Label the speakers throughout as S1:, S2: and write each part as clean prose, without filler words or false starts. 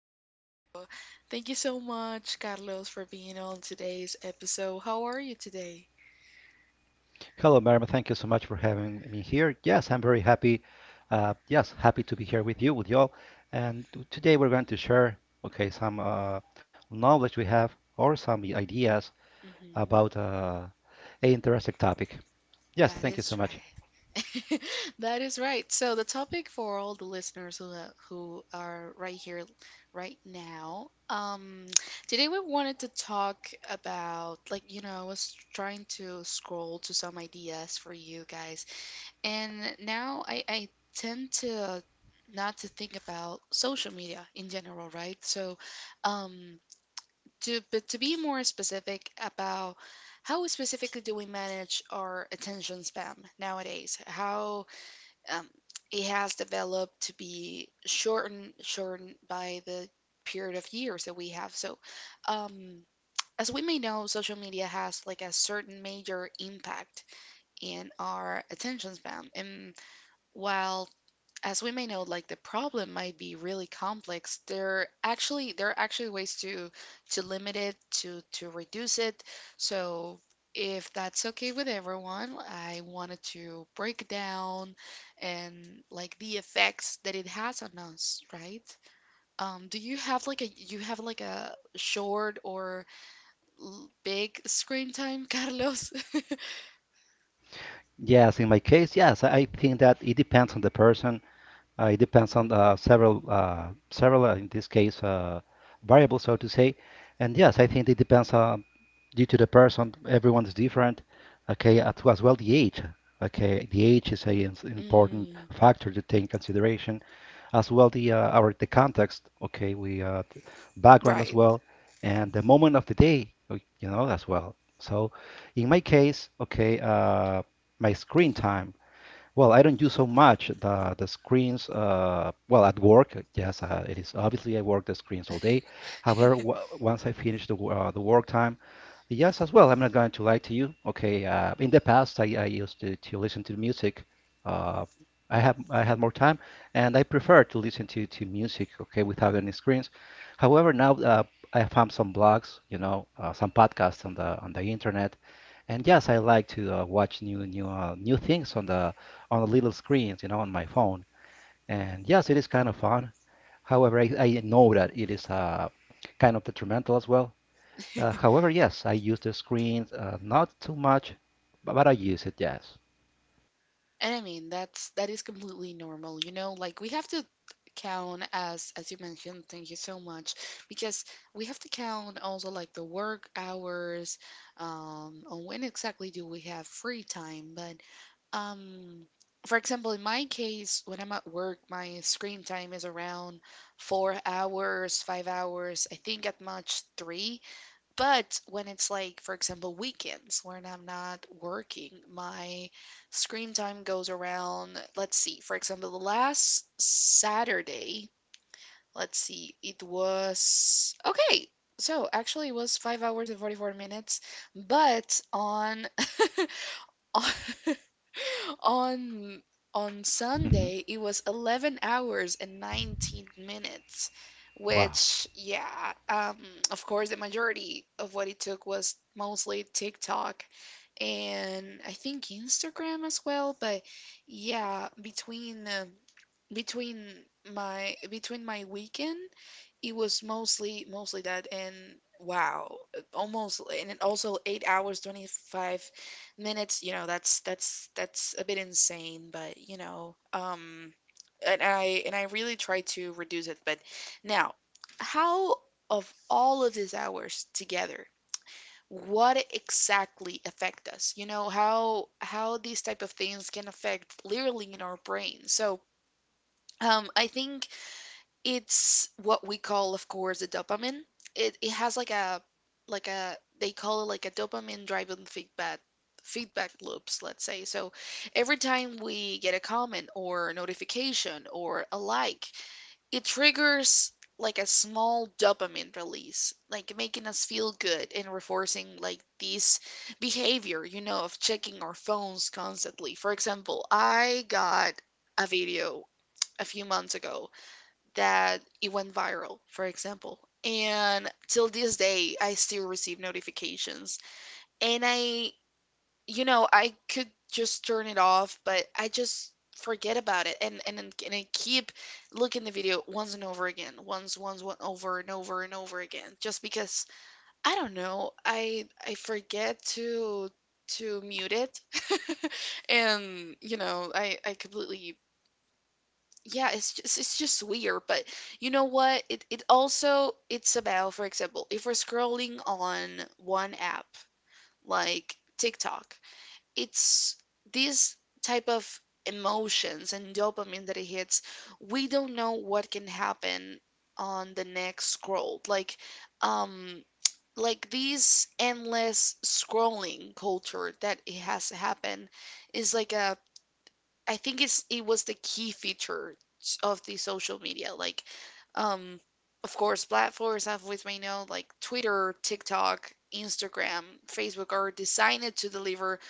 S1: are you? Thank you so much, Carlos, for being on today's episode. How are you today?
S2: Hello, Merima. Thank you so much for having me here. Yes, I'm very happy. Yes, happy to be here with you, with y'all. And today we're going to share, okay, some knowledge we have or some ideas
S1: hmm
S2: about a interesting topic. Yes,
S1: That
S2: thank you so
S1: is right.
S2: much.
S1: That is right. So, the topic for all the listeners who, who are right here, right now, today we wanted to talk about, like, you know, I was trying to scroll to some ideas for you guys. And now I tend to not to think about social media in general, right? So, um, to but to be more specific about how specifically do we manage our attention span nowadays? How um, it has developed to be shortened by the period of years that we have. So, um, as we may know, social media has like a certain major impact in our attention span, and while as we may know, like the problem might be really complex. There actually there are actually ways to limit it, to reduce it. So if that's okay with everyone, I wanted to break down and like the effects that it has on us, right? Do you have like a you have like a short or l- big screen time, Carlos?
S2: Yes, in my case, yes, I think that it depends on the person. It depends on several in this case, variables, so to say. And yes, I think it depends on due to the person. Everyone is different. Okay, as well the age. Okay, the age is an important
S1: Mm,
S2: factor to take in consideration, as well the our the context. Okay, background as
S1: right.
S2: well, and the moment of the day. You know as well. So, in my case, my screen time. Well, I don't use so much the screens. Well, at work, yes, it is obviously I work the screens all day. However, w once I finish the the work time, yes, as well. I'm not going to lie to you. Okay, in the past, I used to listen to music. Uh, I have I had more time, and I prefer to listen to music. Okay, without any screens. However, now I found some blogs, you know, some podcasts on the internet. And yes, I like to watch new things on the little screens, you know, on my phone. And yes, it is kind of fun. However, I know that it is kind of detrimental as well. However, yes, I use the screens, not too much, but I use it, yes.
S1: And I mean, that's that is completely normal, you know, like we have to count as you mentioned, thank you so much, because we have to count also like the work hours, on when exactly do we have free time. But um, for example, in my case, when I'm at work, my screen time is around 4 hours, 5 hours, I think at much three. But when it's like, for example, weekends when I'm not working, my screen time goes around, let's see, for example, the last Saturday, let's see, it was okay. So actually it was 5 hours and 44 minutes, but on on on on
S2: hmm
S1: Sunday, it was 11 hours and 19 minutes,
S2: Wow.
S1: which yeah, of course the majority of what it took was mostly TikTok and I think Instagram as well. But yeah, between between my weekend, it was mostly that. And wow, almost and it also 8 hours, 25 minutes. You know, that's a bit insane. But you know, and I really try to reduce it. But now, how of all of these hours together? What exactly affect us? You know, how these type of things can affect literally in our brain? So I think it's what we call, of course, the dopamine. It has like a they call it like a dopamine driven feedback loops, let's say. So every time we get a comment or a notification or a like, it triggers like a small dopamine release, like making us feel good and reinforcing like this behavior, you know, of checking our phones constantly. For example, I got a video a few months ago that it went viral, for example. And till this day, I still receive notifications. And I, you know, I could just turn it off, but I just forget about it, and and I keep looking the video once and over again, once once one over and over and over again, just because I don't know, I forget to mute it, and you know, I completely. Yeah, it's just weird. But you know what? It also it's about, for example, if we're scrolling on one app like TikTok, it's these type of emotions and dopamine that it hits, we don't know what can happen on the next scroll. Like um like this endless scrolling culture that it has happened is like a, I think it's it was the key feature of the social media. Like um of course platforms have with may know like Twitter, TikTok, Instagram, Facebook are designed to deliver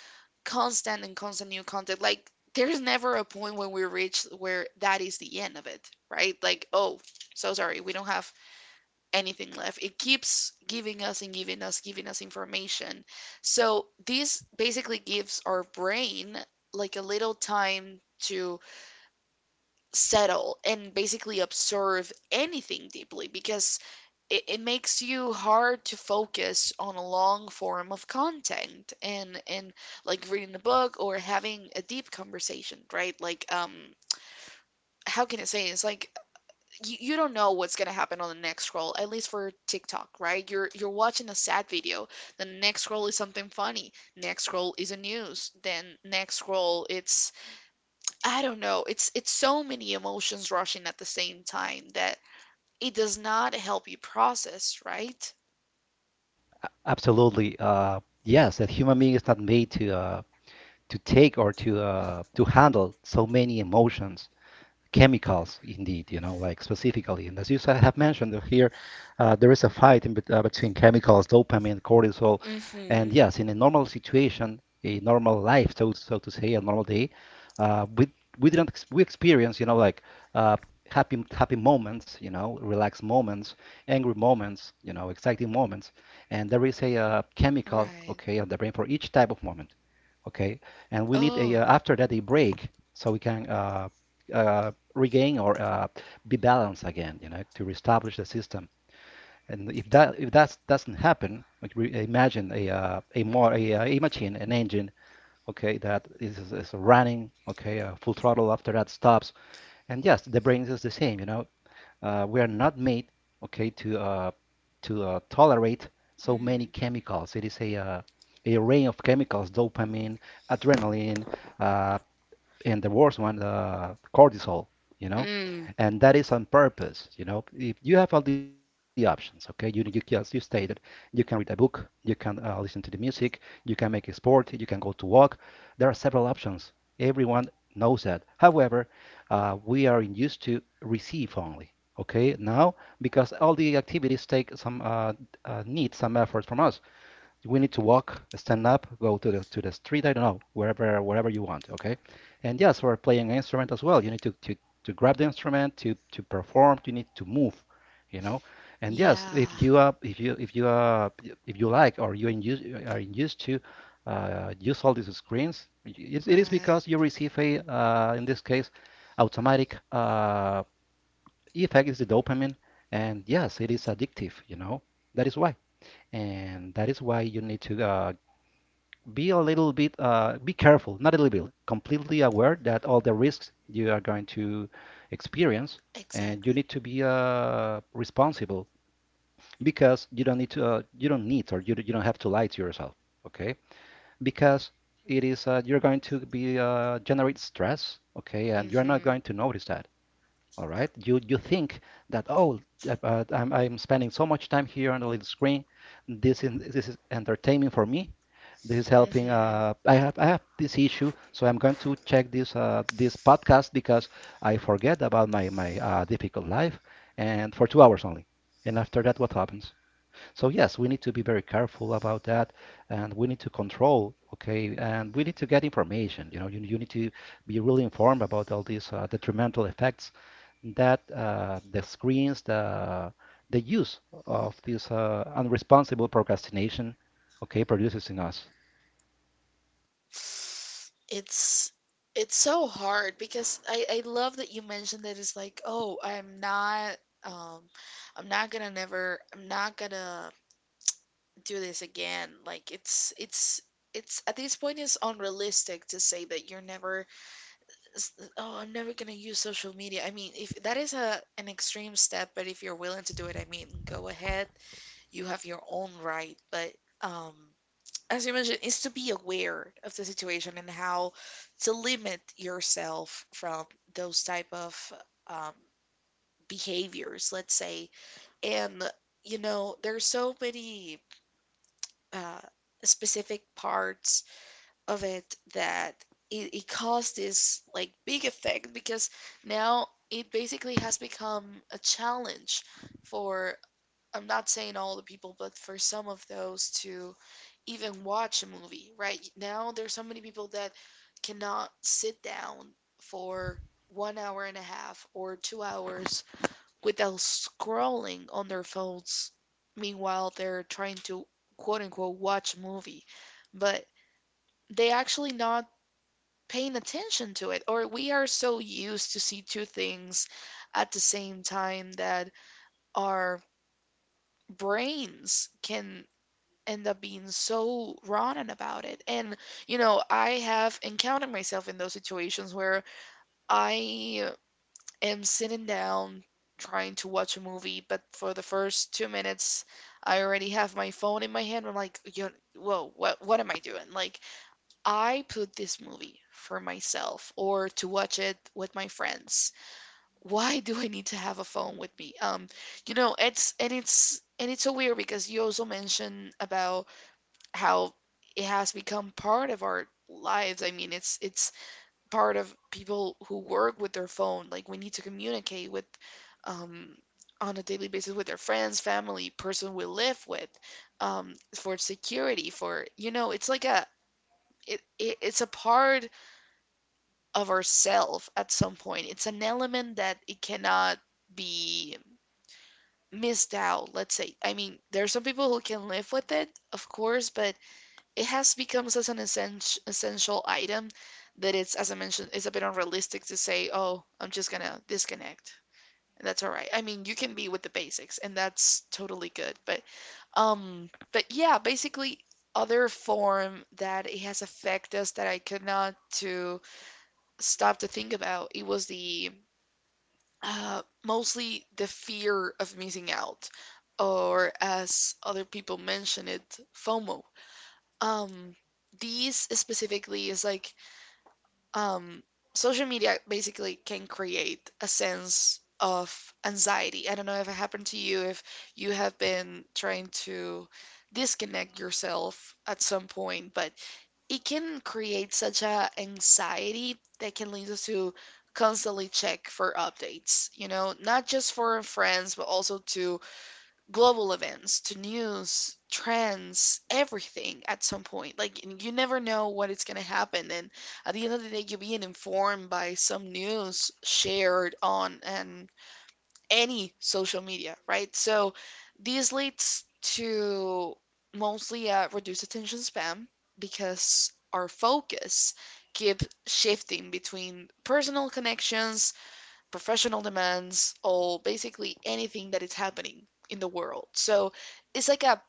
S1: constant new content. Like there's never a point when we reach where that is the end of it, right? Like, oh, so sorry, we don't have anything left. It keeps giving us and giving us information. So this basically gives our brain like a little time to settle and basically observe anything deeply because it makes you hard to focus on a long form of content and like reading a book or having a deep conversation, right? Like how can I say, it's like you don't know what's gonna happen on the next scroll, at least for TikTok, right? You're watching a sad video, the next scroll is something funny, next scroll is a news, then next scroll it's I don't know. It's so many emotions rushing at the same time that it does not help you process, right?
S2: Absolutely. Yes, that human being is not made to take or to handle so many emotions, chemicals indeed, you know, like specifically. And as you have mentioned here, there is a fight in, between chemicals: dopamine, cortisol. And
S1: Mm-hmm.
S2: yes, in a normal situation, a normal life, so so to say, a normal day, uh, we we didn't ex- we experience, you know, like uh, happy moments, you know, relaxed moments, angry moments, you know, exciting moments. And there is a chemical,
S1: Right.
S2: okay, on the brain for each type of moment, okay. And we need a
S1: Oh.
S2: after that a break, so we can uh, regain or be balanced again, you know, to reestablish the system. And if that doesn't happen, like imagine a a machine, an engine, okay, that is running, okay, full throttle. After that stops, and yes, the brain is the same. You know, we are not made, okay, to tolerate so many
S1: Mm.
S2: chemicals. It is a range of chemicals: dopamine, adrenaline, uh, and the worst one, the cortisol, you know.
S1: Mm.
S2: And that is on purpose, you know. If you have all the options, okay, you as you stated, you can read a book, you can listen to the music, you can make a sport, you can go to walk. There are several options. Everyone knows that. However, we are used to receive only. Okay, now because all the activities take some need some effort from us, we need to walk, stand up, go to the street. I don't know, wherever you want. Okay, and yes, for playing an instrument as well, you need to grab the instrument, to perform, you need to move, you know. And yes,
S1: Yeah.
S2: if you like or you are used to use all these screens, it is because you
S1: Right.
S2: receive a in this case automatic effect is the dopamine, and yes, it is addictive, you know. That is why and that is why you need to be a little bit be careful, not a little bit, completely aware that all the risks you are going to experience. And you
S1: Exactly.
S2: need to be responsible, because you don't need to you don't need, or you don't have to lie to yourself, okay, because it is you're going to be generate stress, okay, and you're not
S1: Mm-hmm.
S2: going to notice that. All right, you think that, oh, I'm spending so much time here on the little screen. This is this is entertaining for me. This is helping.
S1: Mm-hmm.
S2: I have this issue, so I'm going to check this podcast because I forget about my difficult life, and for 2 hours only. And after that, what happens? So yes, we need to be very careful about that, and we need to control. Okay, and we need to get information. You know, you need to be really informed about all these detrimental effects that the screens, the use of this unresponsible procrastination, okay, produces in us.
S1: It's it's so hard because I love that you mentioned that it's like, oh, um I'm not gonna never I'm not gonna do this again. Like it's at this point it's unrealistic to say that you're never oh, I'm never gonna use social media. I mean, if that is a an extreme step, but if you're willing to do it, I mean, go ahead. You have your own right, but um as you mentioned, is to be aware of the situation and how to limit yourself from those type of um, behaviors, let's say. And you know, there's so many uh, specific parts of it that it caused this like big effect because now it basically has become a challenge for, I'm not saying all the people, but for some of those to even watch a movie, right? Now there's so many people that cannot sit down for 1 hour and a half or 2 hours without scrolling on their phones. Meanwhile, they're trying to quote unquote watch a movie, but they actually not paying attention to it, or we are so used to see two things at the same time that our brains can end up being so rotten about it. And you know, I have encountered myself in those situations where I am sitting down trying to watch a movie, but for the first 2 minutes I already have my phone in my hand. I'm like, yo, whoa, what am I doing? Like I put this movie for myself or to watch it with my friends. Why do I need to have a phone with me? You know, it's and it's so weird because you also mentioned about how it has become part of our lives. I mean, it's part of people who work with their phone. Like we need to communicate with um on a daily basis with their friends, family, person we live with, for security, for you know, it's like a it's a part of ourself at some point. It's an element that it cannot be missed out, let's say. I mean, there are some people who can live with it, of course, but it has become such an essential item that it's, as I mentioned, it's a bit unrealistic to say, "Oh, I'm just gonna disconnect." And that's all right. I mean, you can be with the basics, and that's totally good. But yeah, basically other form that it has affected us that I could not to stop to think about. It was the mostly the fear of missing out, or as other people mention it, FOMO. Um, these specifically is like um, social media basically can create a sense of anxiety. I don't know if it happened to you, if you have been trying to disconnect yourself at some point, but it can create such a anxiety that can lead us to constantly check for updates, you know, not just for friends but also to global events, to news, trends, everything at some point. Like and you never know what is going to happen, and at the end of the day you're being informed by some news shared on an any social media, right? So this leads to mostly a reduced attention span because our focus keeps shifting between personal connections, professional demands, or basically anything that is happening in the world. So it's like, a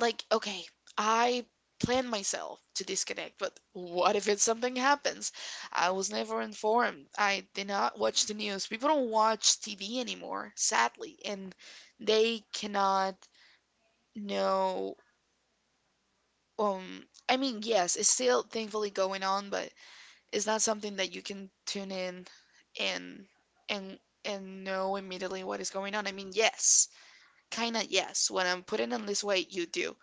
S1: like, okay, I plan myself to disconnect, but what if it's something happens? I was never informed. I did not watch the news. People don't watch TV anymore, sadly, and they cannot know. um I mean, yes, it's still, thankfully, going on, but it's not something that you can tune in and and and know immediately what is going on. I mean, yes, kind of, yes, when I'm putting on this weight, you do.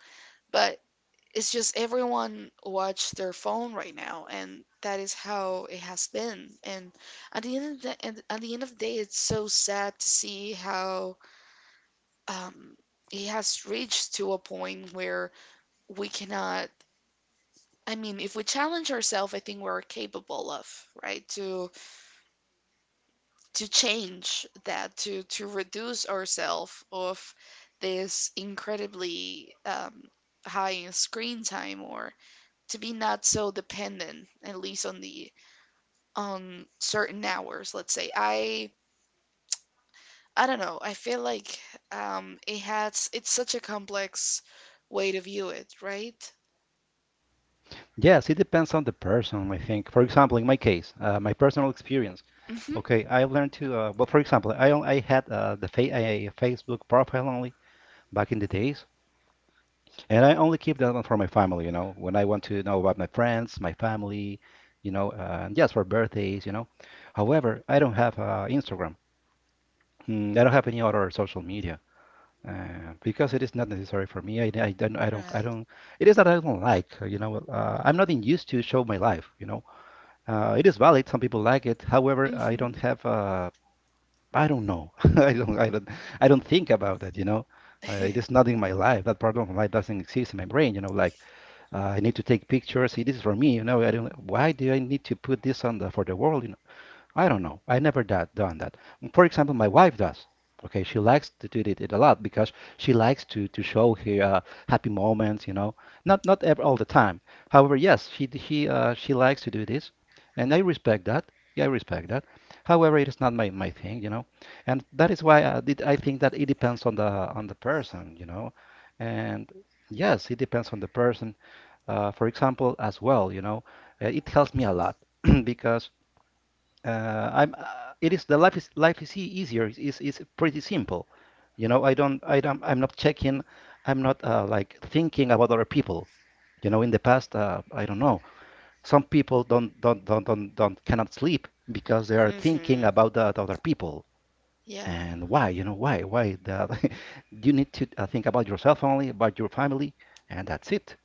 S1: But it's just everyone watch their phone right now, and that is how it has been. And at the end of the day, it's so sad to see how um it has reached to a point where we cannot. I mean, if we challenge ourselves, I think we're capable of, right, to change that, to reduce ourselves of this incredibly high screen time, or to be not so dependent, at least on certain hours, let's say. I don't know, I feel like, it's such a complex way to view it, right?
S2: Yes, it depends on the person, I think. For example, in my case, my personal experience.
S1: Mm-hmm.
S2: Okay, I learned to, well, for example, I had the fa a Facebook profile only back in the days, and I only keep that one for my family, you know, when I want to know about my friends, my family, you know, and yes, for birthdays, you know. However, I don't have Instagram. Mm, I don't have any other social media. Because it is not necessary for me. I
S1: Right.
S2: don't, it is that I don't like, you know, I'm not in used to show my life, you know. It is valid. Some people like it. However,
S1: Mm-hmm.
S2: I don't know. I don't think about it. You know, it is not in my life. That part of my life doesn't exist in my brain. You know, like I need to take pictures. This is for me. You know, I don't. Why do I need to put this on the for the world? You know. I don't know. I never done that. For example, my wife does. Okay, she likes to do it a lot because she likes to show her happy moments. You know, not not ever all the time. However, yes, she d- she likes to do this, and I respect that. Yeah, I respect that. However, it is not my thing, you know, and that is why I did I think that it depends on the person, you know, and yes, it depends on the person. For example, as well, you know, it helps me a lot because I'm. It is the life is easier. It's pretty simple. You know, I don't. I don't. I'm not checking. I'm not like thinking about other people. You know, in the past, I don't know. Some people don't cannot sleep because they are thinking
S1: Mm-hmm.
S2: about the other people.
S1: Yeah.
S2: And why? You know why? Why that? You need to think about yourself only, about your family, and that's it.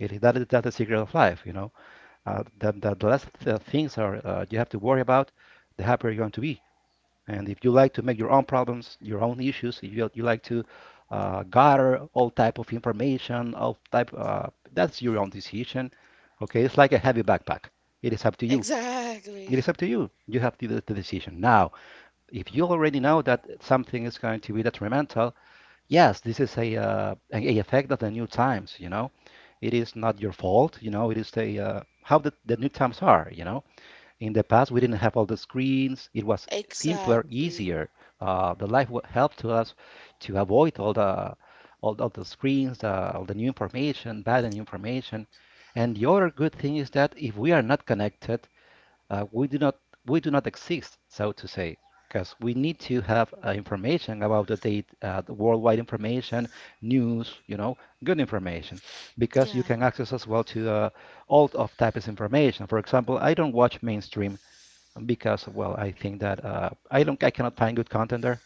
S2: It is that is That's the secret of life. You know, the less things are you have to worry about, the happier you're going to be. And if you like to make your own problems, your own issues, if you, you like to gather all type of information, all type, that's your own decision. Okay, it's like a heavy backpack. It is up to you. It
S1: Exactly.
S2: is up to you. You have to do the decision. Now, if you already know that something is going to be detrimental, yes, this is a effect of the new times, you know. It is not your fault, you know. It is the how the new times are, you know. In the past, we didn't have all the screens. It was simpler,
S1: Exactly.
S2: easier. The life helped to us to avoid all the all the screens, all the new information, bad and new information. And the other good thing is that if we are not connected, uh, we do not we do not exist, so to say, because we need to have information about the date, the worldwide information, news, you know, good information, because you
S1: Yeah.
S2: can access as well to all of types of information. For example, I don't watch mainstream because, well, I think that I cannot find good content there.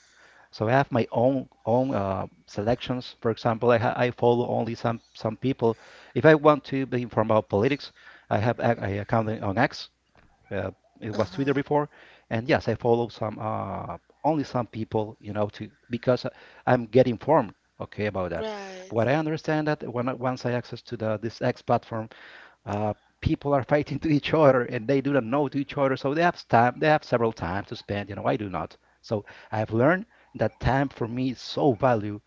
S2: So I have my own selections. For example, I follow only some people. If I want to be informed about politics, I account on X, uh, it was Twitter
S1: Uh-huh.
S2: before, and yes, I follow some only some people, to because I'm getting informed, okay, about that.
S1: Right.
S2: What I understand that when once I access to the this X platform, uh, people are fighting to each other and they do not know to each other, so they have time, they have several time to spend. You know, I do not. So I've learned that time for me is so value.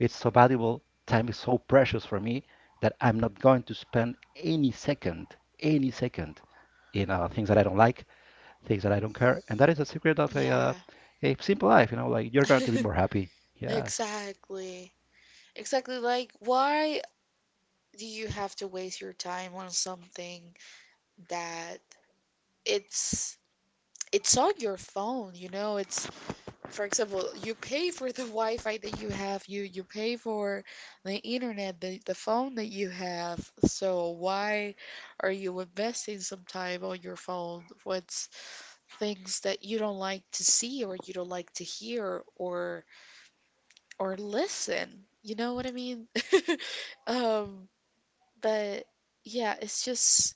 S2: It's so valuable. Time is so precious for me that I'm not going to spend any second in things that I don't like, things that I don't care. And that is the secret of
S1: Yeah.
S2: a simple life, like you're going to be more happy. Yes.
S1: Exactly. Exactly, like, why do you have to waste your time on something that it's it's on your phone. It's, for example, you pay for the Wi-Fi that you have, you pay for the internet, the phone that you have. So why are you investing some time on your phone with things that you don't like to see, or you don't like to hear, or listen? You know what I mean? Um, but yeah, it's just.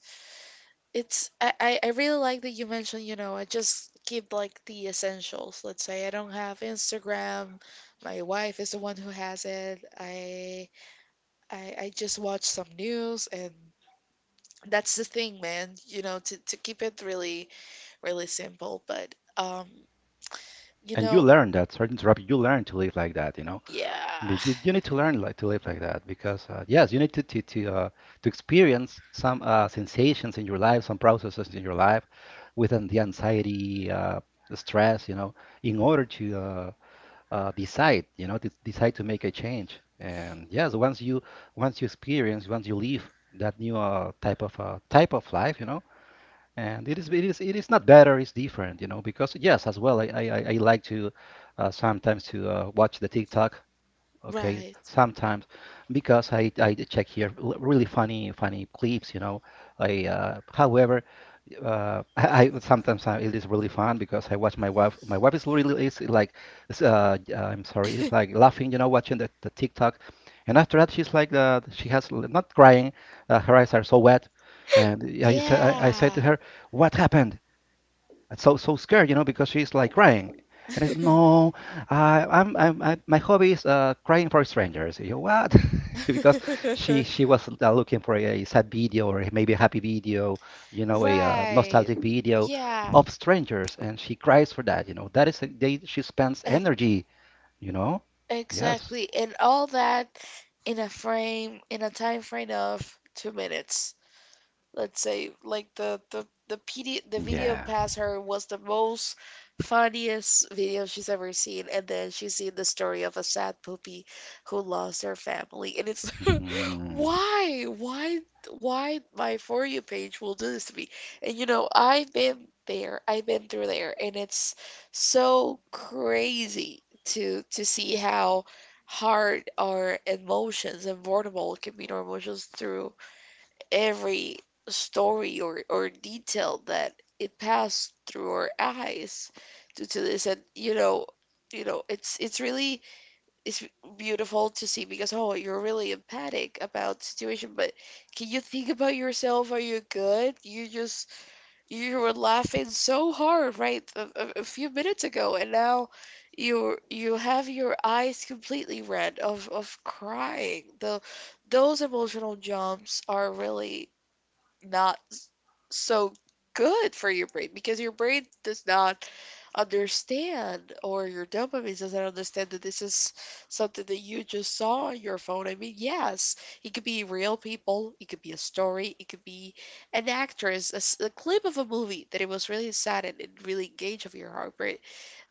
S1: It's I really like that you mentioned, you know, I just keep, like, the essentials. Let's say I don't have Instagram. My wife is the one who has it. I just watch some news, and that's the thing, man. You know, to keep it really, really simple, but, you
S2: And you
S1: know,
S2: learn that, sorry to interrupt you, you learn to live like that, you know.
S1: yeah.
S2: But you need to learn like to live like that because yes, you need to to experience some sensations in your life, some processes in your life, within the anxiety, the stress, you know, in order to decide, you know, to decide to make a change. And yes, once you experience, once you live that new type of life, you know, and it is it is not better, it's different, you know, because yes, as well, I like to sometimes to watch the TikTok, okay,
S1: Right.
S2: sometimes because I check here really funny clips, you know. I However, I sometimes, it is really fun because I watch my wife. My wife is really, is, I'm sorry, is like laughing, you know, watching the TikTok, and after that she's like, she has not crying, her eyes are so wet, and I said, I said to
S1: Yeah.
S2: her, "What happened? So so scared," you know, because she's like crying. And it's, no, I, I'm, I, my hobby is crying for strangers. You what? Because she was looking for a sad video, or maybe a happy video, you know, a
S1: Right.
S2: nostalgic video
S1: Yeah.
S2: of strangers, and she cries for that. You know, that is a day she spends
S1: And —
S2: energy. You know, yes,
S1: exactly. And all that in a frame, in a time frame of 2 minutes, let's say, like the PD, the video
S2: yeah.
S1: past her was the most funniest video she's ever seen, and then she's seen the story of a sad puppy who lost her family, and it's
S2: Mhm.
S1: why why why my For You page will do this to me? And, you know, I've been through there, and it's so crazy to see how hard our emotions and vulnerable can be our emotions through every story, or detail that it passed through our eyes due to this. And, you know, it's really, it's beautiful to see, because, oh, you're really empathic about situation, but can you think about yourself? Are you good? You just — you were laughing so hard, right, a few minutes ago, and now you have your eyes completely red of crying. The those emotional jumps are really not so good for your brain, because your brain does not understand, or your dopamine doesn't understand, that this is something that you just saw on your phone. I mean, yes, it could be real people, it could be a story, it could be an actress, a clip of a movie that it was really sad, and it really engaged of your heartbreak.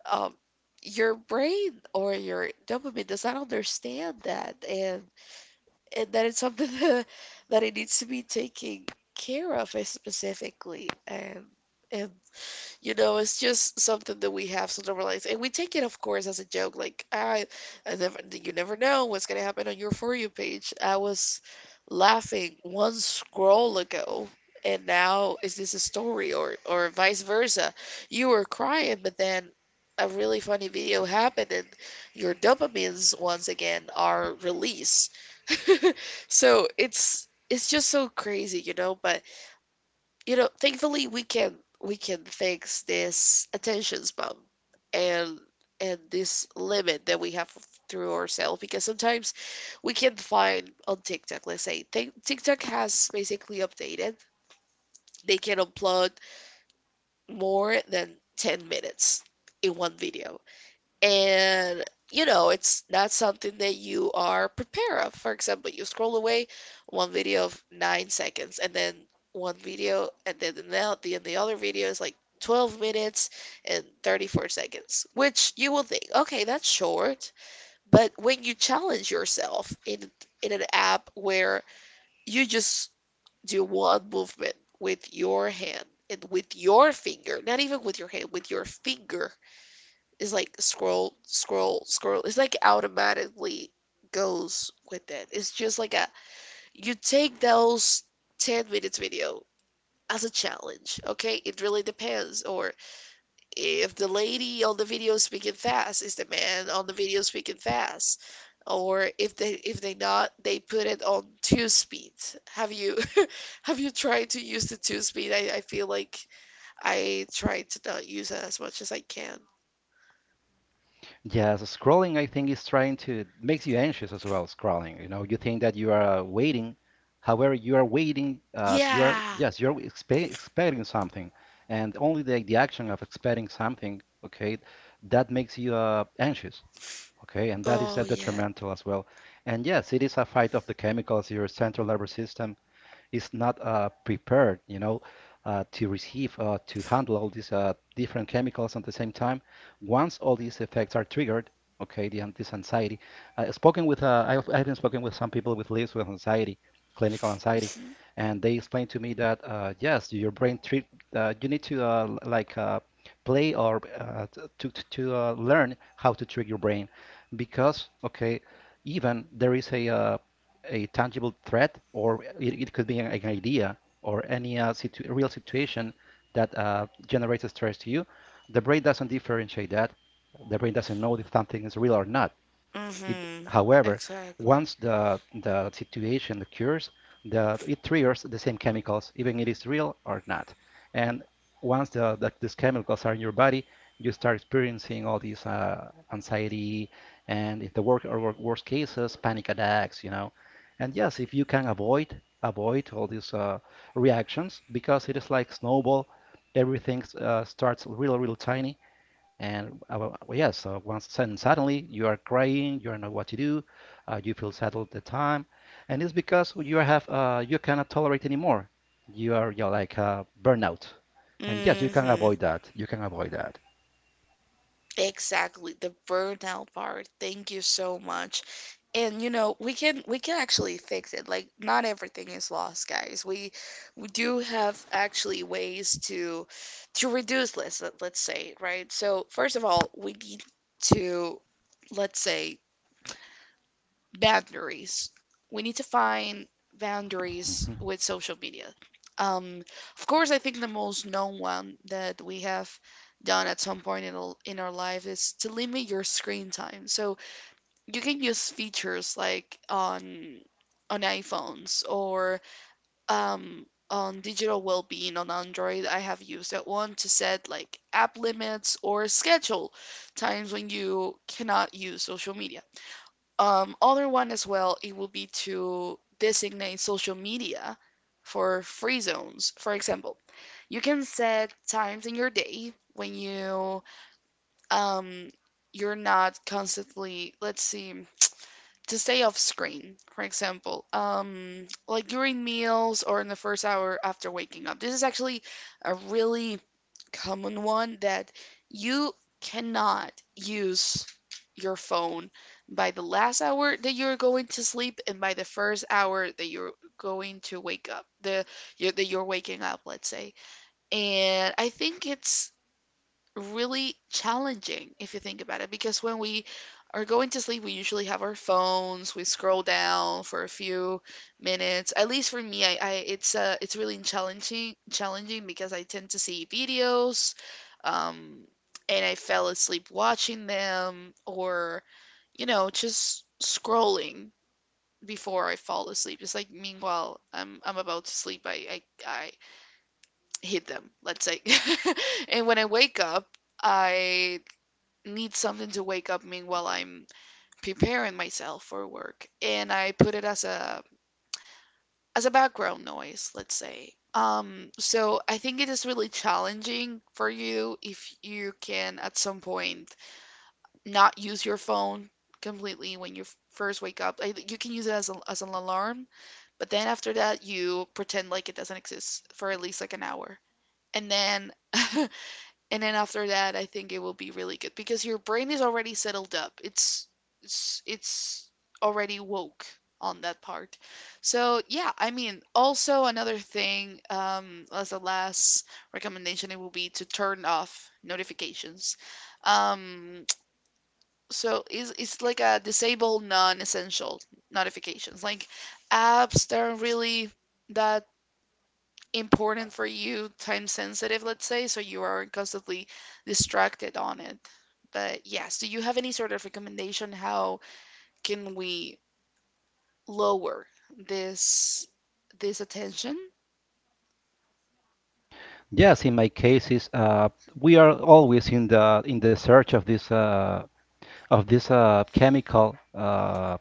S1: Um, your brain or your dopamine does not understand that, and that it's something that it needs to be taken care of, specifically, and you know, it's just something that we have to normalize. And we take it, of course, as a joke. Like, I never, you never know what's going to happen on your For You page. I was laughing one scroll ago, and now is this a story, or vice versa? You were crying, but then a really funny video happened, and your dopamines once again are released. So it's just so crazy, you know, but, you know, thankfully we can fix this attention span, and and this limit that we have through ourselves, because sometimes we can find on TikTok — let's say, TikTok has basically updated. They can upload more than 10 minutes in one video. And, you know, it's not something that you are prepared of. For example, you scroll away one video of 9 seconds, and then one video, and then the other video is like 12 minutes and 34 seconds, which you will think, okay, that's short. But when you challenge yourself in an app where you just do one movement with your hand, and with your finger, not even with your hand, with your finger, is like scroll, scroll, scroll. It's like automatically goes with it. It's just like a — you take those 10 minutes video as a challenge, okay? It really depends. Or if the lady on the video is speaking fast, is the man on the video speaking fast? Or if they, not, they put it on two speed. Have you have you tried to use the two speed? I feel like I try to not use it as much as I can.
S2: Yeah, so scrolling, I think, is trying to makes you anxious as well. Scrolling, you know, you think that you are waiting, however, you are waiting. You are
S1: Yeah.
S2: yes, you're expecting something, and only the action of expecting something, okay, that makes you anxious, okay, and that is
S1: Oh, yeah.
S2: detrimental as well. And yes, it is a fight of the chemicals, your central nervous system is not prepared, you know, to receive to handle all these different chemicals at the same time. Once all these effects are triggered, okay, this anxiety. I've been spoken with some people with lives with anxiety, clinical anxiety, and they explained to me that yes, your brain treat you need to play or learn how to trick your brain because okay even there is a tangible threat, or it could be an idea or any real situation that generates stress to you. The brain doesn't differentiate that. The brain doesn't know if something is real or not. It,
S1: Mm-hmm.
S2: however,
S1: Exactly.
S2: once the situation occurs, the, it triggers the same chemicals, even if it is real or not. And once these chemicals are in your body, you start experiencing all these anxiety and if the work or worst cases, panic attacks, you know. And yes, if you can avoid all these reactions because it is like snowball, everything starts real tiny and yeah, so suddenly you are crying, you don't know what to do, you feel sad all the time, and it's because you have you cannot tolerate anymore. You are you're like burnout, and yes, you can
S1: Mm-hmm.
S2: avoid that. You can avoid that.
S1: Exactly. The burnout part. Thank you so much. And, you know, we can actually fix it. Like, not everything is lost, guys. We do have actually ways to reduce this, let's say, right? So, first of all, we need to, let's say, boundaries. We need to find boundaries
S2: Mhm.
S1: with social media. Um, of course, I think the most known one that we have done at some point in our life is to limit your screen time. So you can use features like on iPhones, or, on digital well-being on Android. I have used that one to set, like, app limits or schedule times when you cannot use social media. Other one as well, it will be to designate social media for free zones. For example, you can set times in your day when um, you're not constantly, let's see, to stay off screen. For example, like, during meals or in the first hour after waking up. This is actually a really common one that you cannot use your phone by the last hour that you're going to sleep, and by the first hour that you're going to wake up, that you're waking up, let's say. And I think it's really challenging if you think about it, because when we are going to sleep, we usually have our phones. We scroll down for a few minutes, at least for me. I it's really challenging, because I tend to see videos, um and I fell asleep watching them, or, you know, just scrolling before I fall asleep. It's like, meanwhile, I'm about to sleep, I hit them, let's say. And when I wake up, I need something to wake up me while I'm preparing myself for work, and I put it as a, background noise, let's say. So I think it is really challenging for you if you can at some point not use your phone completely when you first wake up. You can use it as an alarm, but then after that you pretend like it doesn't exist for at least, like, an hour. And then and then after that, I think it will be really good, because your brain is already settled up. It's already woke on that part. So, yeah, I mean, also another thing, as a last recommendation, it will be to turn off notifications. um so it's like a — disable non-essential notifications, like apps that are really that important for you, time sensitive, let's say, so you are constantly distracted on it. But yes, do you have any sort of recommendation how can we lower this this attention?
S2: Yes, in my case, is we are always in the search of this chemical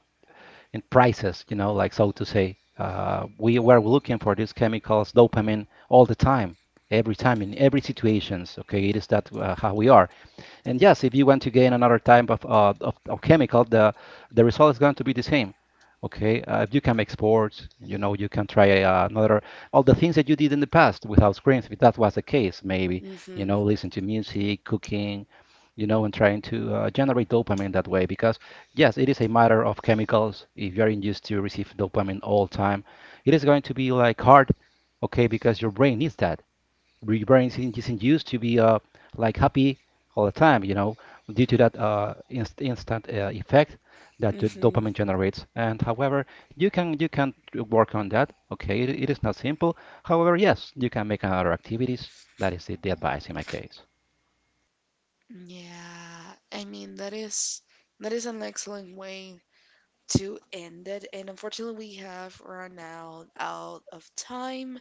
S2: in prices, you know, like so to say. We were looking for these chemicals, dopamine, all the time, every time in every situations. Okay, it is that how we are. And yes, if you want to gain another type of chemical, the result is going to be the same. Okay, if you can make sports, you know, you can try another all the things that you did in the past without screens. If that was the case, maybe you
S1: Mhm.
S2: know, listen to music, cooking, you know, and trying to generate dopamine that way. Because yes, it is a matter of chemicals. If you're used to receive dopamine all time, it is going to be like hard, okay, because your brain needs that. Your brain isn't used to be like happy all the time, you know, due to that instant effect that the
S1: Mhm.
S2: dopamine generates. And however, you can work on that. Okay, it is not simple. However, yes, you can make other activities. That is the advice in my case.
S1: Yeah. I mean, that is an excellent way to end it. And, unfortunately, we have run out of time.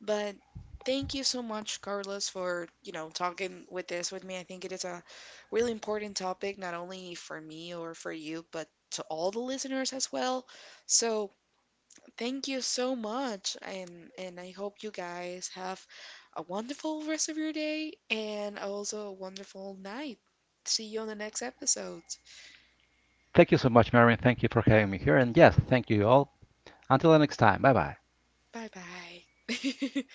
S1: But thank you so much, Carlos, for, you know, talking with this with me. I think it is a really important topic, not only for me or for you, but to all the listeners as well. So thank you so much, and I hope you guys have a wonderful rest of your day and also a wonderful night. See you on the next episode.
S2: Thank you so much, Marion. Thank you for having me here. And yes, thank you all. Until the next time. Bye bye.
S1: Bye bye.